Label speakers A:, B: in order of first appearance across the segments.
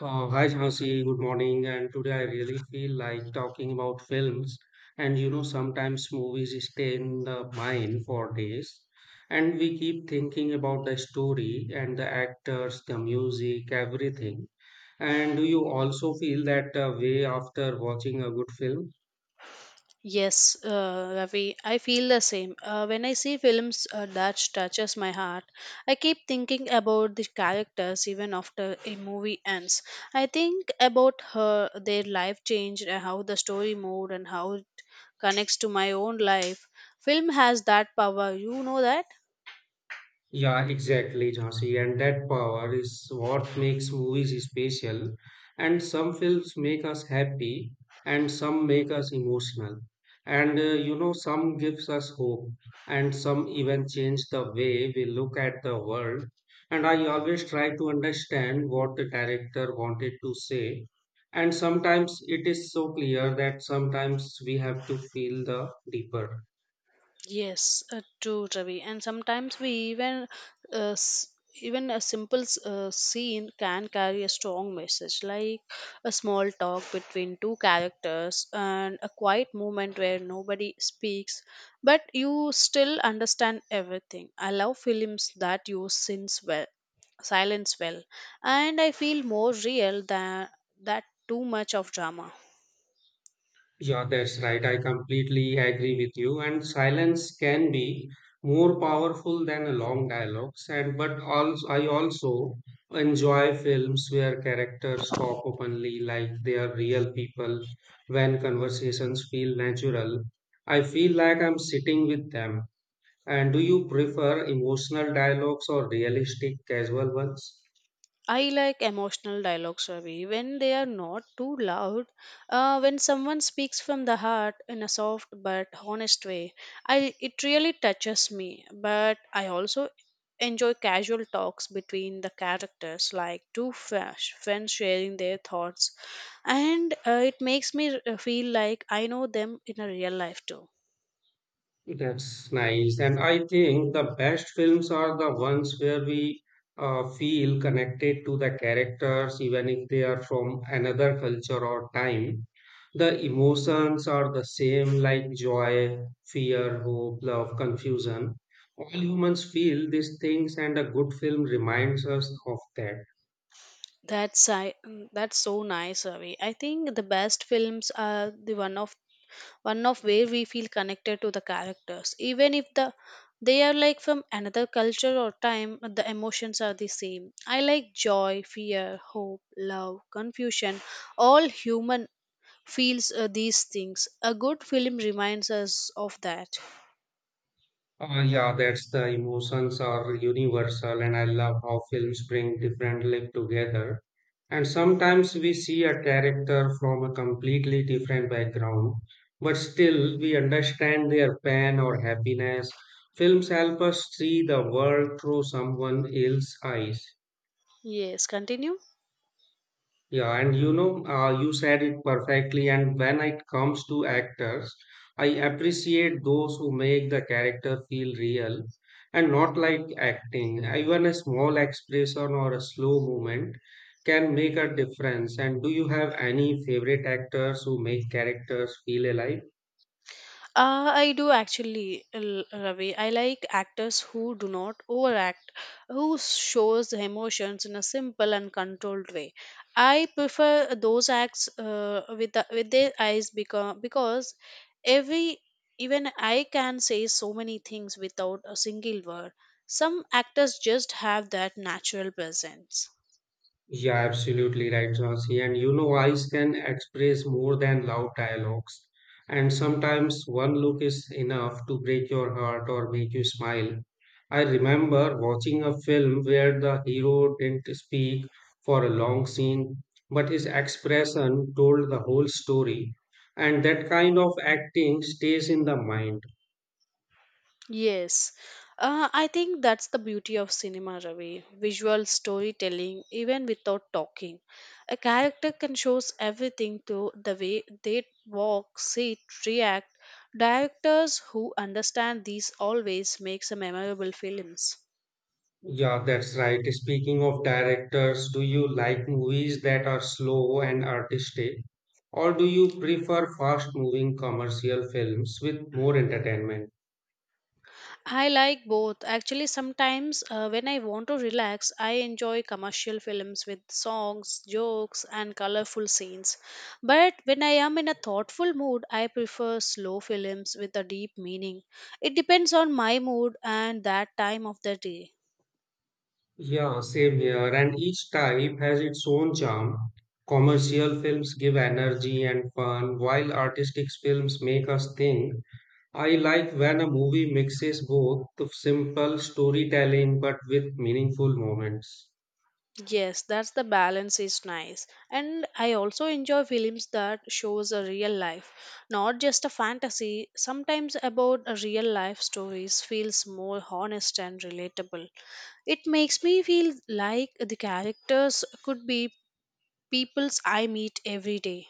A: Hi Jhansi, good morning. And today I really feel like talking about films. And you know, sometimes movies stay in the mind for days. And we keep thinking about the story and the actors, the music, everything. And do you also feel that way after watching a good film?
B: Yes, Ravi, I feel the same. When I see films that touches my heart, I keep thinking about the characters even after a movie ends. I think about her, their life change, and how the story moved, and how it connects to my own life. Film has that power. You know that.
A: Yeah, exactly, Jhansi. And that power is what makes movies special. And some films make us happy, and some make us emotional. And you know, some gives us hope, and some even change the way we look at the world. And I always try to understand what the director wanted to say. And sometimes it is so clear that sometimes we have to feel the deeper.
B: Yes, true, Ravi. And sometimes we even uh, s- even a simple scene can carry a strong message, like a small talk between two characters and a quiet moment where nobody speaks, but you still understand everything. I love films that use scenes well, silence well, and I feel more real than that too much of drama.
A: Yeah, that's right. I completely agree with you. And silence can be more powerful than a long dialogues. And but also, I also enjoy films where characters talk openly like they are real people. When conversations feel natural, I feel like I'm sitting with them. And do you prefer emotional dialogues or realistic, casual ones?
B: I like emotional dialogues, Ravi, when they are not too loud. When someone speaks from the heart in a soft but honest way, I it really touches me. But I also enjoy casual talks between the characters, like friends sharing their thoughts, and it makes me feel like I know them in a real life too.
A: That's nice. And I think the best films are the ones where we feel connected to the characters, even if they are from another culture or time. The emotions are the same, like joy, fear, hope, love, confusion. All humans feel these things, and a good film reminds us of that.
B: That's so nice, Ravi. I think the best films are the one of where we feel connected to the characters, even if the they are like from another culture or time. The emotions are the same. I like joy, fear, hope, love, confusion. All human feels these things. A good film reminds us of that.
A: Yeah, that's the emotions are universal, and I love how films bring different life together. And sometimes we see a character from a completely different background, but still we understand their pain or happiness. Films help us see the world through someone else's eyes.
B: Yes, continue.
A: Yeah, and you know, you said it perfectly. And when it comes to actors, I appreciate those who make the character feel real and not like acting. Even a small expression or a slow movement can make a difference. And do you have any favorite actors who make characters feel alive?
B: I do actually, Ravi. I like actors who do not overact, who shows the emotions in a simple and controlled way. I prefer those acts with with their eyes, because every even I can say so many things without a single word. Some actors just have that natural presence.
A: Yeah, absolutely right, Jhansi. And you know, eyes can express more than loud dialogues. And sometimes one look is enough to break your heart or make you smile. I remember watching a film where the hero didn't speak for a long scene, but his expression told the whole story. And that kind of acting stays in the mind.
B: Yes, I think that's the beauty of cinema, Ravi. Visual storytelling, even without talking. A character can show everything through the way they walk, sit, react. Directors who understand these always makes a memorable films.
A: Yeah, that's right. Speaking of directors, do you like movies that are slow and artistic, or do you prefer fast-moving commercial films with more entertainment?
B: I like both. Actually, sometimes when I want to relax, I enjoy commercial films with songs, jokes, and colorful scenes. But when I am in a thoughtful mood, I prefer slow films with a deep meaning. It depends on my mood and that time of the day.
A: Yeah, same here. And each type has its own charm. Commercial films give energy and fun, while artistic films make us think. I like when a movie mixes both the simple storytelling but with meaningful moments.
B: Yes, that's the balance is nice. And I also enjoy films that shows a real life, not just a fantasy. Sometimes about a real life stories feels more honest and relatable. It makes me feel like the characters could be peoples I meet every day.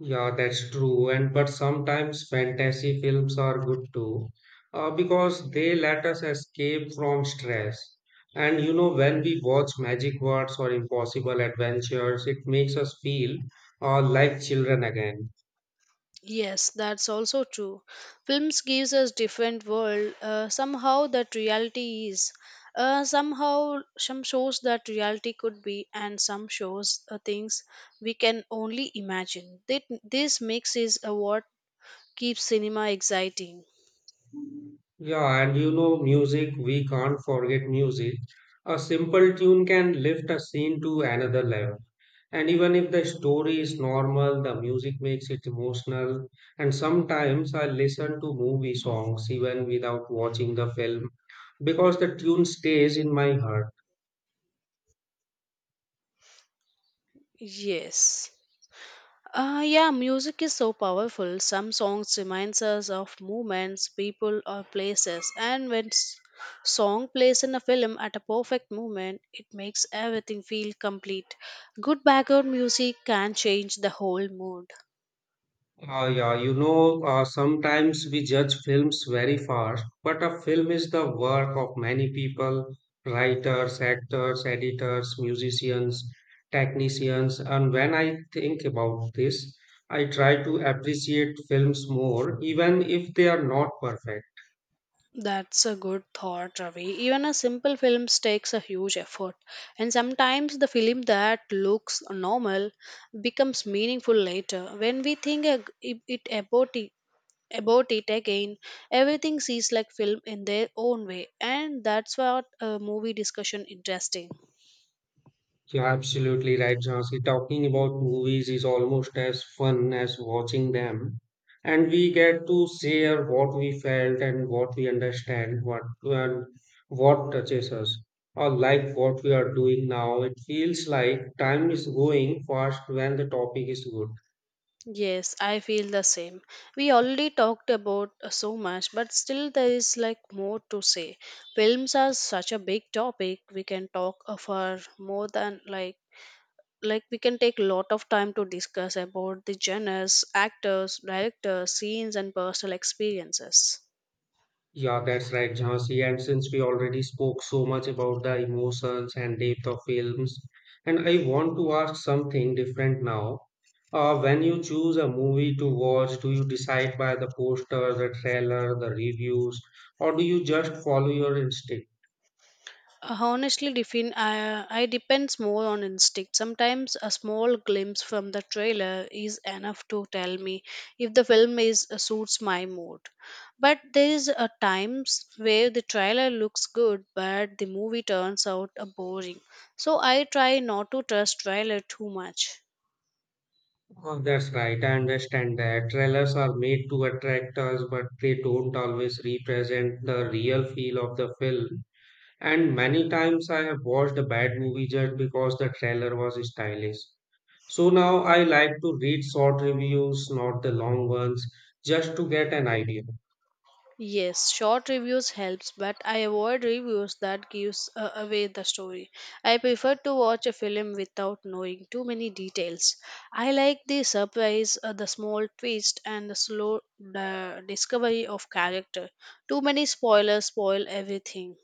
A: Yeah, that's true. And but sometimes fantasy films are good too, because they let us escape from stress. And you know, when we watch magic words or impossible adventures, it makes us feel like children again.
B: Yes, that's also true. Films gives us different world. Somehow that reality is. Somehow some shows that reality could be, and some shows things we can only imagine. That this mix is what keeps cinema exciting.
A: Yeah, and you know, music, we can't forget music. A simple tune can lift a scene to another level. And even if the story is normal, the music makes it emotional. And sometimes I listen to movie songs even without watching the film because the tune stays in my heart.
B: Yes. Yeah, music is so powerful. Some songs reminds us of moments, people, or places. And when song plays in a film at a perfect moment, it makes everything feel complete. Good background music can change the whole mood.
A: Yeah, you know, sometimes we judge films very fast, but a film is the work of many people writers, actors, editors, musicians, technicians. And when I think about this, I try to appreciate films more, even if they are not perfect.
B: That's a good thought, Ravi. Even a simple film takes a huge effort, and sometimes the film that looks normal becomes meaningful later. When we think ag- it about it again. Everything seems like film in their own way, and that's what a movie discussion interesting.
A: You're absolutely right, Jhansi. Talking about movies is almost as fun as watching them. And we get to share what we felt and what we understand, what and what touches us, or like what we are doing now. It feels like time is going fast when the topic is good.
B: Yes, I feel the same. We already talked about so much, but still there is like more to say. Films are such a big topic. We can talk for more than like we can take a lot of time to discuss about the genres, actors, directors, scenes and personal experiences.
A: Yeah, that's right, Jhansi. And since we already spoke so much about the emotions and depth of films, and I want to ask something different now. When you choose a movie to watch, do you decide by the poster, the trailer, the reviews, or do you just follow your instinct?
B: Honestly, I depends more on instinct. Sometimes a small glimpse from the trailer is enough to tell me if the film is suits my mood. But there is a times where the trailer looks good, but the movie turns out boring. So I try not to trust trailer too much.
A: Oh, that's right, I understand that. Trailers are made to attract us, but they don't always represent the real feel of the film. And many times I have watched a bad movie just because the trailer was stylish. So now I like to read short reviews, not the long ones, just to get an idea.
B: Yes, short reviews helps, but I avoid reviews that gives away the story. I prefer to watch a film without knowing too many details. I like the surprise, the small twist, and the slow discovery of character. Too many spoilers spoil everything.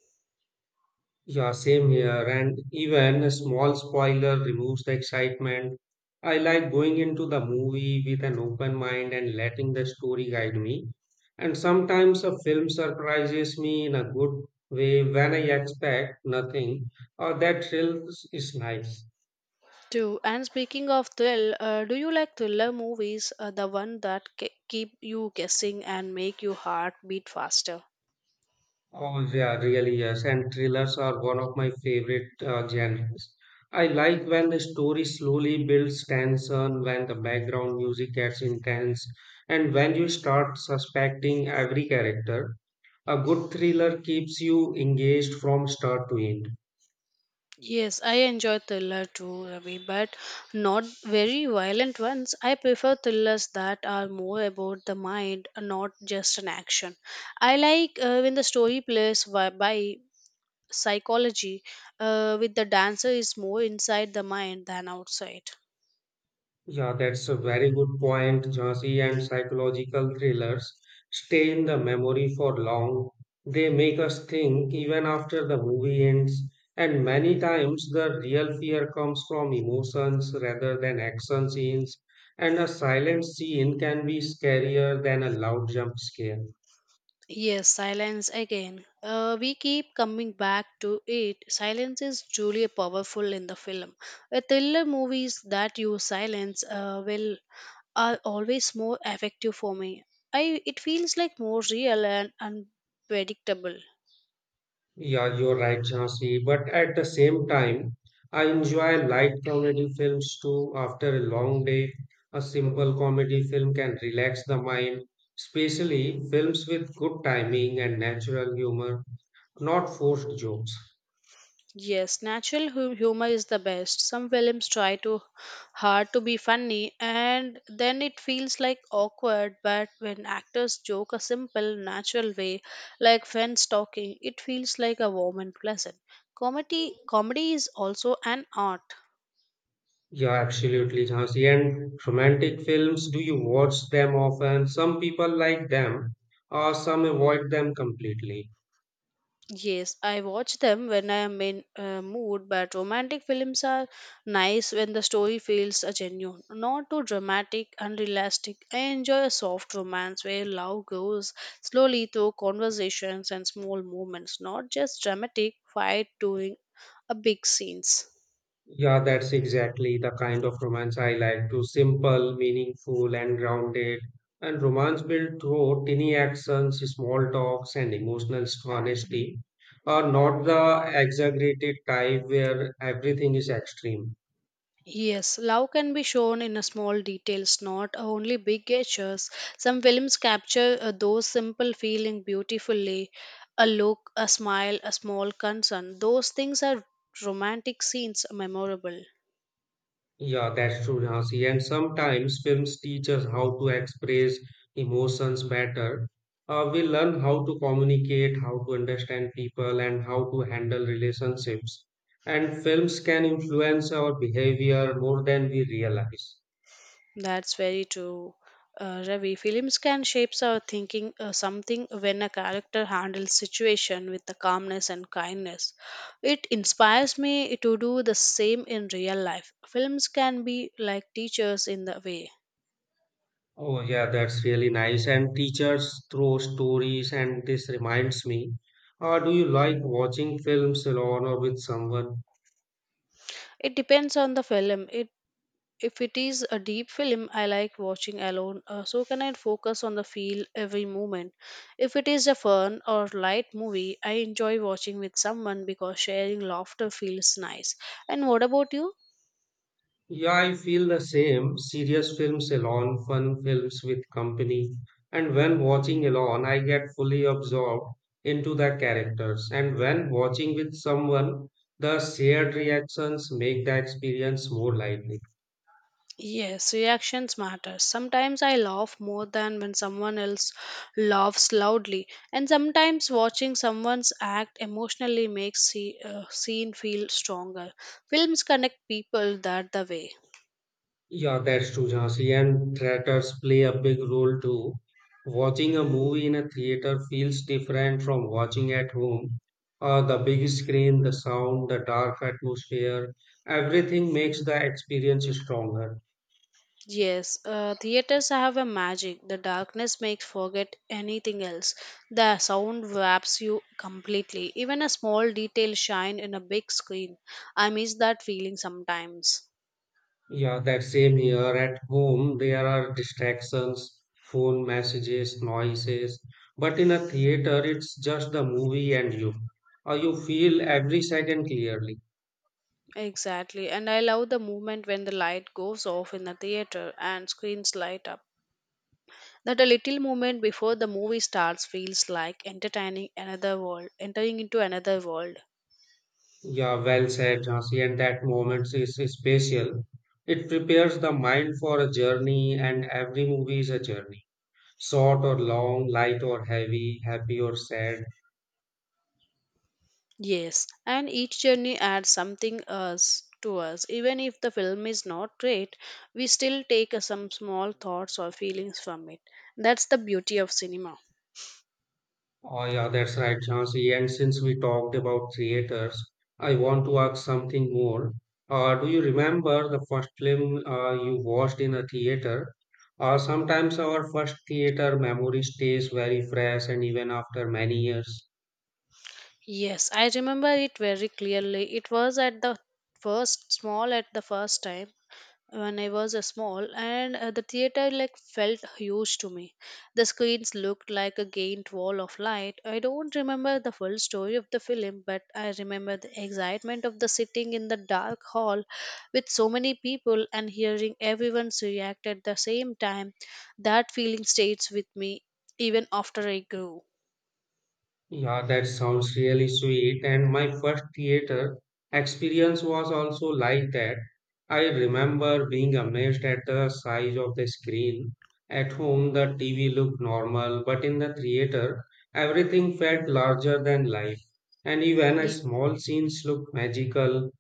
A: Yeah, same here. And even a small spoiler removes the excitement. I like going into the movie with an open mind and letting the story guide me. And sometimes a film surprises me in a good way when I expect nothing, or that thrill is nice.
B: Too. And speaking of thrill, do you like thriller movies? The one that keep you guessing and make your heart beat faster.
A: Oh yeah, really yes. And thrillers are one of my favorite genres. I like when the story slowly builds tension, when the background music gets intense, and when you start suspecting every character. A good thriller keeps you engaged from start to end.
B: Yes, I enjoy thriller too, Ravi, but not very violent ones. I prefer thrillers that are more about the mind, and not just an action. I like when the story plays by psychology, with the dancer is more inside the mind than outside.
A: Yeah, that's a very good point, Jhansi, and psychological thrillers stay in the memory for long. They make us think even after the movie ends, and many times the real fear comes from emotions rather than action scenes, and a silent scene can be scarier than a loud jump scare.
B: Yes, silence again. We keep coming back to it. Silence is truly powerful in the film. A thriller movies that use silence will are always more effective for me. I it feels like more real and unpredictable.
A: Yeah, you're right, Jhansi. But at the same time, I enjoy light comedy films too. After a long day, a simple comedy film can relax the mind, especially films with good timing and natural humor, not forced jokes.
B: Yes, natural humor is the best. Some films try too hard to be funny and then it feels like awkward, but when actors joke a simple, natural way, like friends talking, it feels like a warm and pleasant. Comedy is also an art.
A: Yeah, absolutely, Jhansi. And romantic films, do you watch them often? Some people like them, or some avoid them completely.
B: Yes, I watch them when I am in mood, but romantic films are nice when the story feels genuine, not too dramatic and realistic. I enjoy a soft romance where love goes slowly through conversations and small moments, not just dramatic fight during a big scenes.
A: Yeah, that's exactly the kind of romance I like too. Simple, meaningful, and grounded. And romance built through tiny actions, small talks, and emotional honesty, are not the exaggerated type where everything is extreme.
B: Yes, love can be shown in a small details, not only big gestures. Some films capture those simple feelings beautifully. A look, a smile, a small concern. Those things are romantic scenes memorable.
A: Yeah, that's true, Jhansi. And sometimes films teach us how to express emotions better. We learn how to communicate, how to understand people, and how to handle relationships. And films can influence our behavior more than we realize.
B: That's very true. Ravi, films can shape our thinking something when a character handles situation with the calmness and kindness. It inspires me to do the same in real life. Films can be like teachers in the way.
A: Oh, yeah, that's really nice. And teachers throw stories, and this reminds me. Do you like watching films alone or with someone?
B: It depends on the film. It if it is a deep film, I like watching alone, so can I focus on the feel every moment. If it is a fun or light movie, I enjoy watching with someone because sharing laughter feels nice. And what about you?
A: Yeah, I feel the same. Serious films alone, fun films with company. And when watching alone, I get fully absorbed into the characters. And when watching with someone, the shared reactions make the experience more lively.
B: Yes, reactions matter. Sometimes I laugh more than when someone else laughs loudly, and sometimes watching someone's act emotionally makes the scene feel stronger. Films connect people that the way.
A: Yeah, that's true, Jhansi. And theaters play a big role too. Watching a movie in a theater feels different from watching at home. The big screen, the sound, the dark atmosphere, everything makes the experience stronger.
B: Yes, theaters have a magic. The darkness makes forget anything else. The sound wraps you completely. Even a small detail shine in a big screen. I miss that feeling sometimes.
A: Yeah, that same here at home, there are distractions, phone messages, noises. But in a theater, it's just the movie and you. You feel every second clearly.
B: Exactly, and I love the moment when the light goes off in the theater and screens light up. That a little moment before the movie starts feels like entertaining another world, entering into another world.
A: Yeah, well said, Jhansi, and that moment is special. It prepares the mind for a journey, and every movie is a journey, short or long, light or heavy, happy or sad.
B: Yes, and each journey adds something us to us. Even if the film is not great, we still take some small thoughts or feelings from it. That's the beauty of cinema.
A: Oh, yeah, that's right, Jhansi. And since we talked about theaters, I want to ask something more. Do you remember the first film you watched in a theater? Sometimes our first theater memory stays very fresh, and even after many years.
B: Yes, I remember it very clearly. It was at the first time when I was a small, and the theater like felt huge to me. The screens looked like a giant wall of light. I don't remember the full story of the film, but I remember the excitement of the sitting in the dark hall with so many people and hearing everyone's react at the same time. That feeling stays with me even after I grew.
A: Yeah, that sounds really sweet. And my first theater experience was also like that. I remember being amazed at the size of the screen. At home, the TV looked normal, but in the theater, everything felt larger than life. And even a
B: Ye-
A: small scenes looked magical.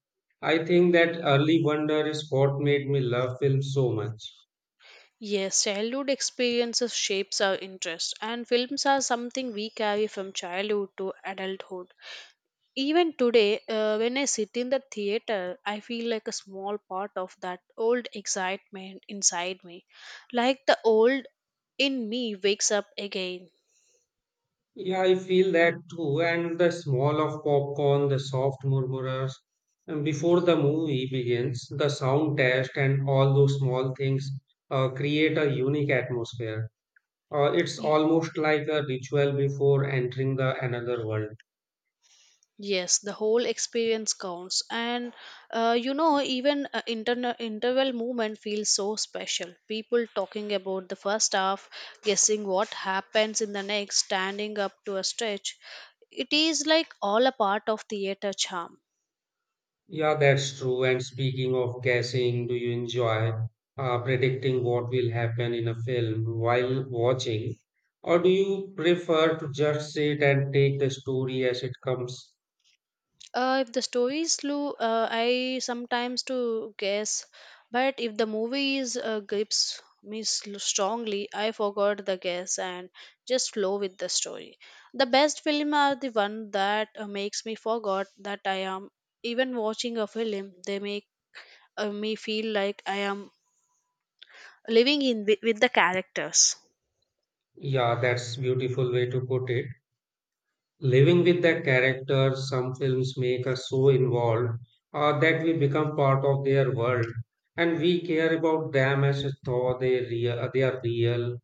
A: I think that early wonder is what made me love film so much.
B: Yes, childhood experiences shapes our interest, and films are something we carry from childhood to adulthood. Even today, when I sit in the theater, I feel like a small part of that old excitement inside me. Like the old in me wakes up again.
A: Yeah, I feel that too. And the smell of popcorn, the soft murmurs, and before the movie begins, the sound test and all those small things create a unique atmosphere. It's
B: Y-
A: almost like a ritual before entering the another world.
B: Yes, the whole experience counts. And you know, even interval movement feels so special. People talking about the first half, guessing what happens in the next, standing up to a stretch. It is like all a part of theater charm.
A: Yeah, that's true. And speaking of guessing, do you enjoy predicting what will happen in a film while watching? Or do you prefer to just sit and take the story as it comes?
B: If the story is slow, I sometimes to guess, but if the movie is grips me strongly, I forgot the guess and just flow with the story. The best film are the one that makes me forgot that I am even watching a film. They make me feel like I am living in with the characters.
A: Yeah, that's beautiful way to put it. Living with the characters, some films make us so involved that we become part of their world, and we care about them as though they real, they are real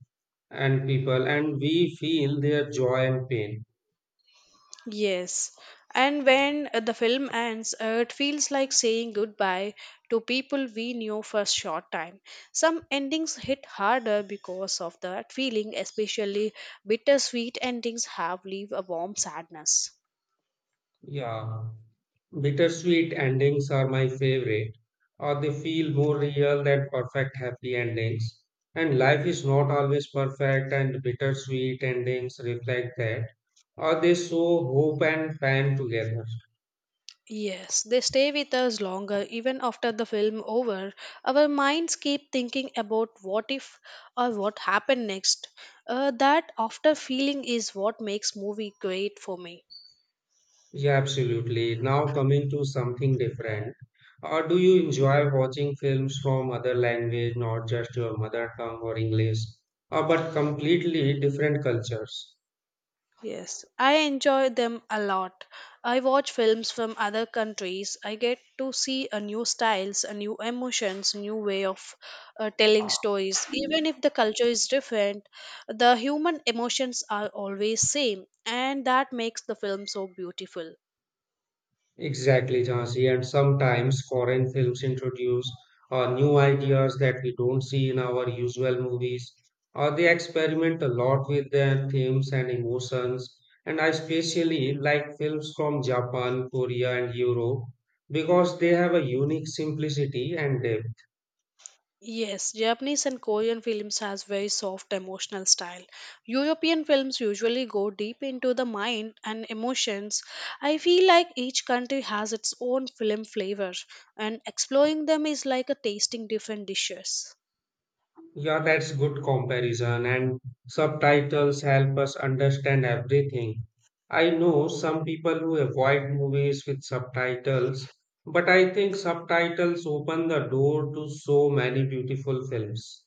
A: and people, and we feel their joy and pain.
B: Yes, and when the film ends, it feels like saying goodbye to people we knew for a short time. Some endings hit harder because of that feeling, especially bittersweet endings have leave a warm sadness.
A: Yeah. Bittersweet endings are my favorite, or they feel more real than perfect happy endings. And life is not always perfect, and bittersweet endings reflect that, or they show hope and pain together.
B: Yes, they stay with us longer even after the film over. Our minds keep thinking about what if or what happened next. That after feeling is what makes movie great for me.
A: Yeah, absolutely. Now, coming to something different. Or do you enjoy watching films from other language, not just your mother tongue or English, or but completely different cultures?
B: Yes, I enjoy them a lot. I watch films from other countries. I get to see a new styles, a new emotions, new way of telling stories. Even if the culture is different, the human emotions are always same, and that makes the film so beautiful.
A: Exactly, Jhansi. And sometimes foreign films introduce new ideas that we don't see in our usual movies, or they experiment a lot with their themes and emotions. And I especially like films from Japan, Korea, and Europe because they have a unique simplicity and depth.
B: Yes, Japanese and Korean films has very soft emotional style. European films usually go deep into the mind and emotions. I feel like each country has its own film flavor and exploring them is like a tasting different dishes.
A: Yeah, that's good comparison, and subtitles help us understand everything. I know some people who avoid movies with subtitles, but I think subtitles open the door to so many beautiful films.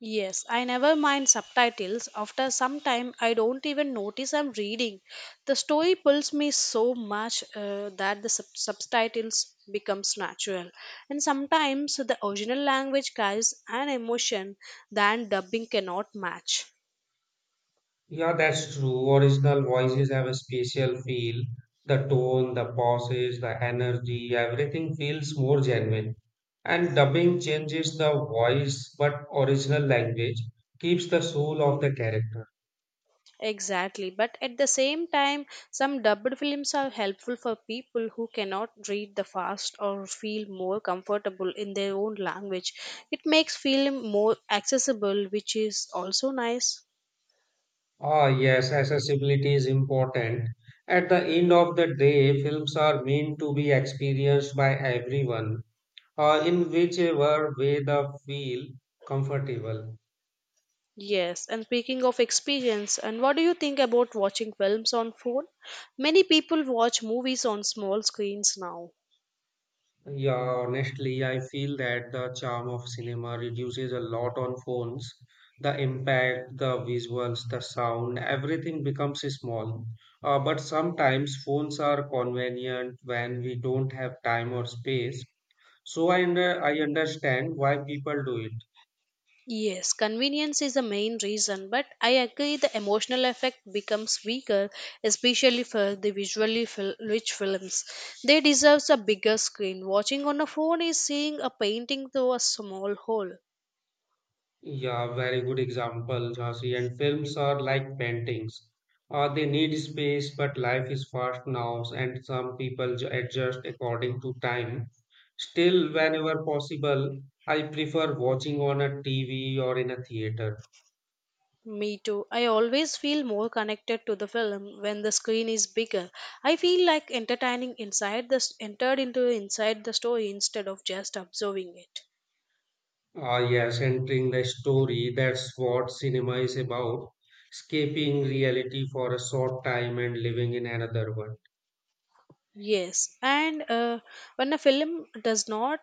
B: Yes, I never mind subtitles. After some time, I don't even notice I'm reading. The story pulls me so much that the subtitles becomes natural. And sometimes the original language carries an emotion that dubbing cannot match.
A: Yeah, that's true. Original voices have a special feel. The tone, the pauses, the energy, everything feels more genuine. And dubbing changes the voice, but original language keeps the soul of the character.
B: Exactly, but at the same time, some dubbed films are helpful for people who cannot read the fast or feel more comfortable in their own language. It makes film more accessible, which is also nice.
A: Ah, yes, accessibility is important. At the end of the day, films are meant to be experienced by everyone, in whichever way they feel comfortable.
B: Yes, and speaking of experience, and what do you think about watching films on phone? Many people watch movies on small screens now.
A: Yeah, honestly, I feel that the charm of cinema reduces a lot on phones. The impact, the visuals, the sound, everything becomes small. But sometimes phones are convenient when we don't have time or space. So I understand why people do it.
B: Yes, convenience is the main reason, but I agree the emotional effect becomes weaker, especially for the visually rich films. They deserve a bigger screen. Watching on a phone is seeing a painting through a small hole.
A: Yeah, very good example, Jhansi. And films are like paintings. They need space, but life is fast now, and some people adjust according to time. Still, whenever possible, I prefer watching on a TV or in a theater.
B: Me too. I always feel more connected to the film when the screen is bigger. I feel like entertaining inside the entered into inside the story instead of just observing it.
A: Ah, yes, entering the story, that's what cinema is about. Escaping reality for a short time and living in another one.
B: Yes, and when a film does not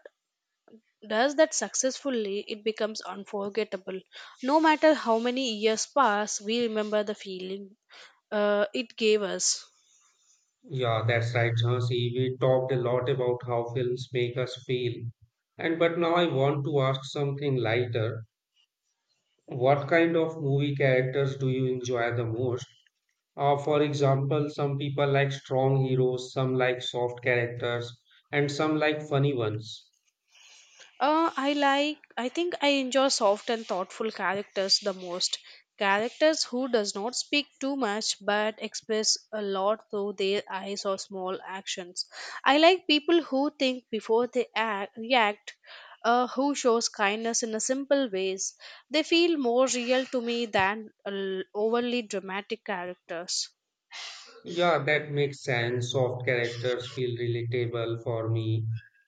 B: does that successfully, it becomes unforgettable. No matter how many years pass, we remember the feeling it gave us.
A: Yeah, that's right, Jhansi. We talked a lot about how films make us feel. And but now I want to ask something lighter. What kind of movie characters do you enjoy the most? For example, some people like strong heroes, some like soft characters, and some like funny ones.
B: I think I enjoy soft and thoughtful characters the most. Characters who does not speak too much but express a lot through their eyes or small actions. I like people who think before they act, react, who shows kindness in a simple ways. They feel more real to me than overly dramatic characters.
A: Yeah, that makes sense. Soft characters feel relatable for me.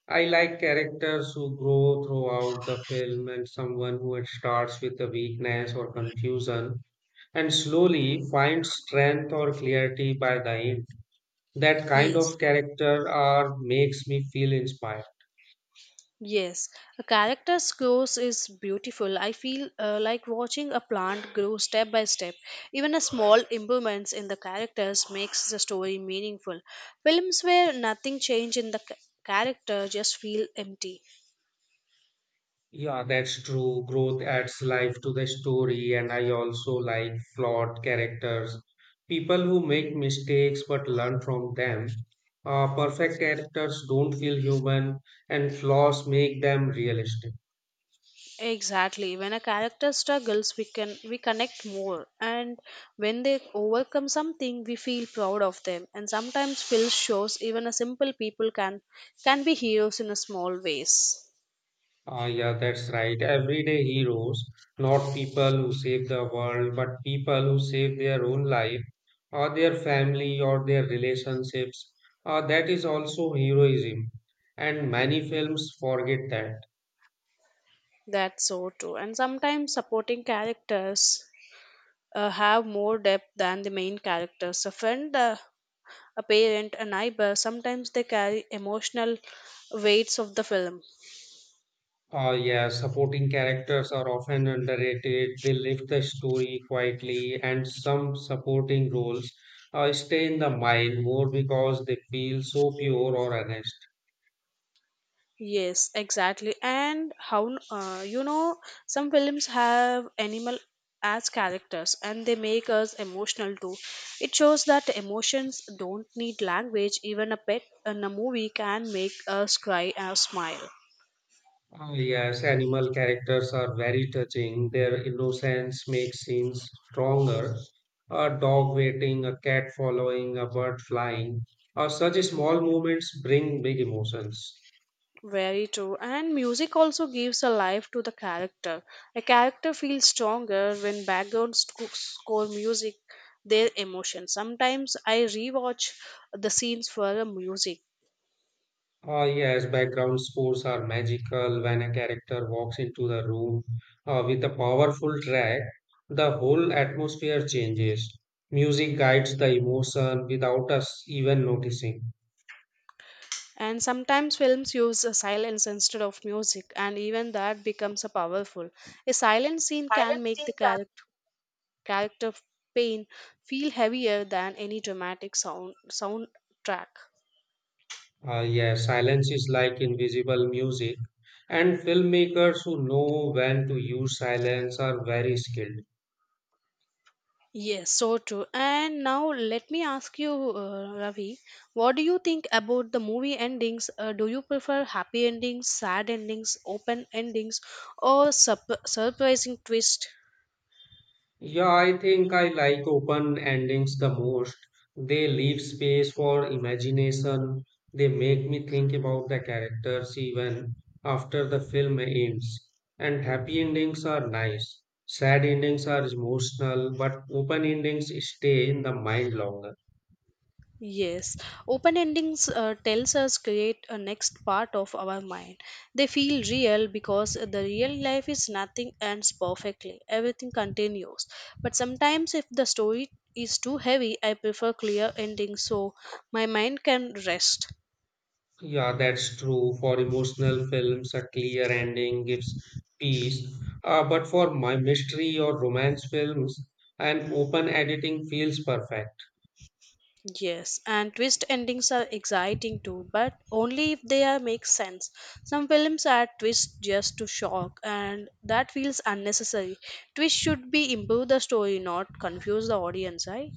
A: I like characters who grow throughout the film and someone who starts with a weakness or confusion and slowly find strength or clarity by the end. That kind
B: Yes.
A: of character are makes me feel inspired.
B: Yes, a character's growth is beautiful. I feel like watching a plant grow step by step. Even a small improvements in the characters makes the story meaningful. Films where nothing change in the character just feel empty.
A: Yeah, that's true. Growth adds life to the story, and I also like flawed characters, people who make mistakes but learn from them. Perfect characters don't feel human, and flaws make them realistic.
B: Exactly. When a character struggles, we connect more, and when they overcome something, we feel proud of them. And sometimes films shows even a simple people can be heroes in a small ways.
A: Ah, yeah, that's right. Everyday heroes, not people who save the world, but people who save their own life or their family or their relationships. That is also heroism. And many films forget that.
B: That's so true. And sometimes supporting characters have more depth than the main characters. A friend, a parent, a neighbor, sometimes they carry emotional weights of the film.
A: Ah, yeah, supporting characters are often underrated. They lift the story quietly, and some supporting roles stay in the mind more because they feel so pure or honest.
B: Yes, exactly. And how, some films have animal as characters and they make us emotional too. It shows that emotions don't need language. Even a pet in a movie can make us cry or smile.
A: Ah, yes, animal characters are very touching. Their innocence makes scenes stronger. A dog waiting, a cat following, a bird flying. Such small moments bring big emotions.
B: Very true. And music also gives a life to the character. A character feels stronger when background score music their emotion. Sometimes I rewatch the scenes for the music.
A: Ah, yes, background scores are magical when a character walks into the room with a powerful track. The whole atmosphere changes. Music guides the emotion without us even noticing.
B: And sometimes films use a silence instead of music, and even that becomes a powerful. A silent scene can make the character pain feel heavier than any dramatic soundtrack.
A: Yeah, silence is like invisible music, and filmmakers who know when to use silence are very skilled.
B: Yes, so true. And now let me ask you, Ravi, what do you think about the movie endings? Do you prefer happy endings, sad endings, open endings, or surprising twist?
A: Yeah, I think I like open endings the most. They leave space for imagination. They make me think about the characters even after the film ends. And happy endings are nice. Sad endings are emotional, but open endings stay in the mind longer.
B: Yes, open endings tells us create a next part of our mind. They feel real because the real life is nothing ends perfectly. Everything continues. But sometimes if the story is too heavy, I prefer clear endings so my mind can rest.
A: Yeah, that's true. For emotional films, a clear ending gives peace. But for my mystery or romance films, an open editing feels perfect.
B: Yes, and twist endings are exciting too, but only if they are make sense. Some films add twists just to shock, and that feels unnecessary. Twist should be improve the story, not confuse the audience, right?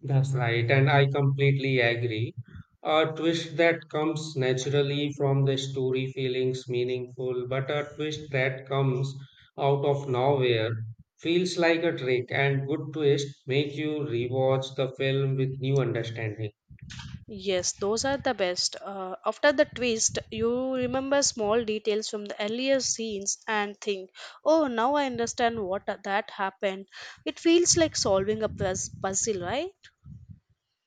A: That's right, and I completely agree. A twist that comes naturally from the story feelings meaningful, but a twist that comes out of nowhere feels like a trick, and good twist make you rewatch the film with new understanding.
B: Yes, those are the best. After the twist, you remember small details from the earlier scenes and think, "Oh, now I understand what that happened." It feels like solving a puzzle, right?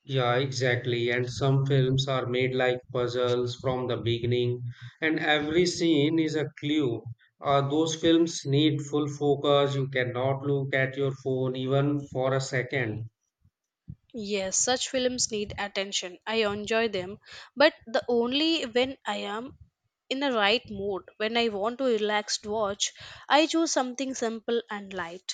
A: Yeah, exactly. And some films are made like puzzles from the beginning, and every scene is a clue. Those films need full focus. You cannot look at your phone even for a second.
B: Yes, such films need attention. I enjoy them, but the only when I am in the right mood. When I want to relaxed watch, I choose something simple and light.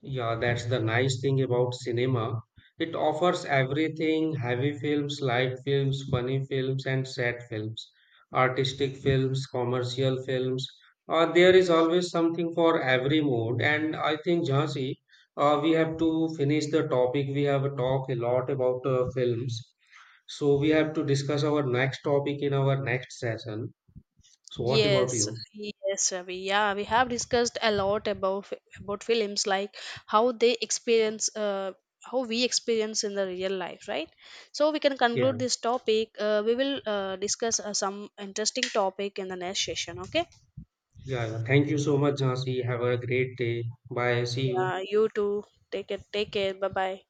A: Yeah, that's the nice thing about cinema. It offers everything, heavy films, light films, funny films, and sad films, artistic films, commercial films. There is always something for every mood. And I think, Jhansi, we have to finish the topic. We have talked a lot about films. So we have to discuss our next topic in our next session. So what about
B: Yes,
A: you?
B: yes, Ravi. Yeah, we have discussed a lot about about films, like how they experience, how we experience in the real life, right? So we can
A: Yeah,
B: conclude this topic. We will discuss some interesting topic in the next session. Okay?
A: yeah, yeah. Thank you so much, Jhansi. Have a great day. Bye. See you.
B: Yeah, you too. Take it. Take care. Bye bye.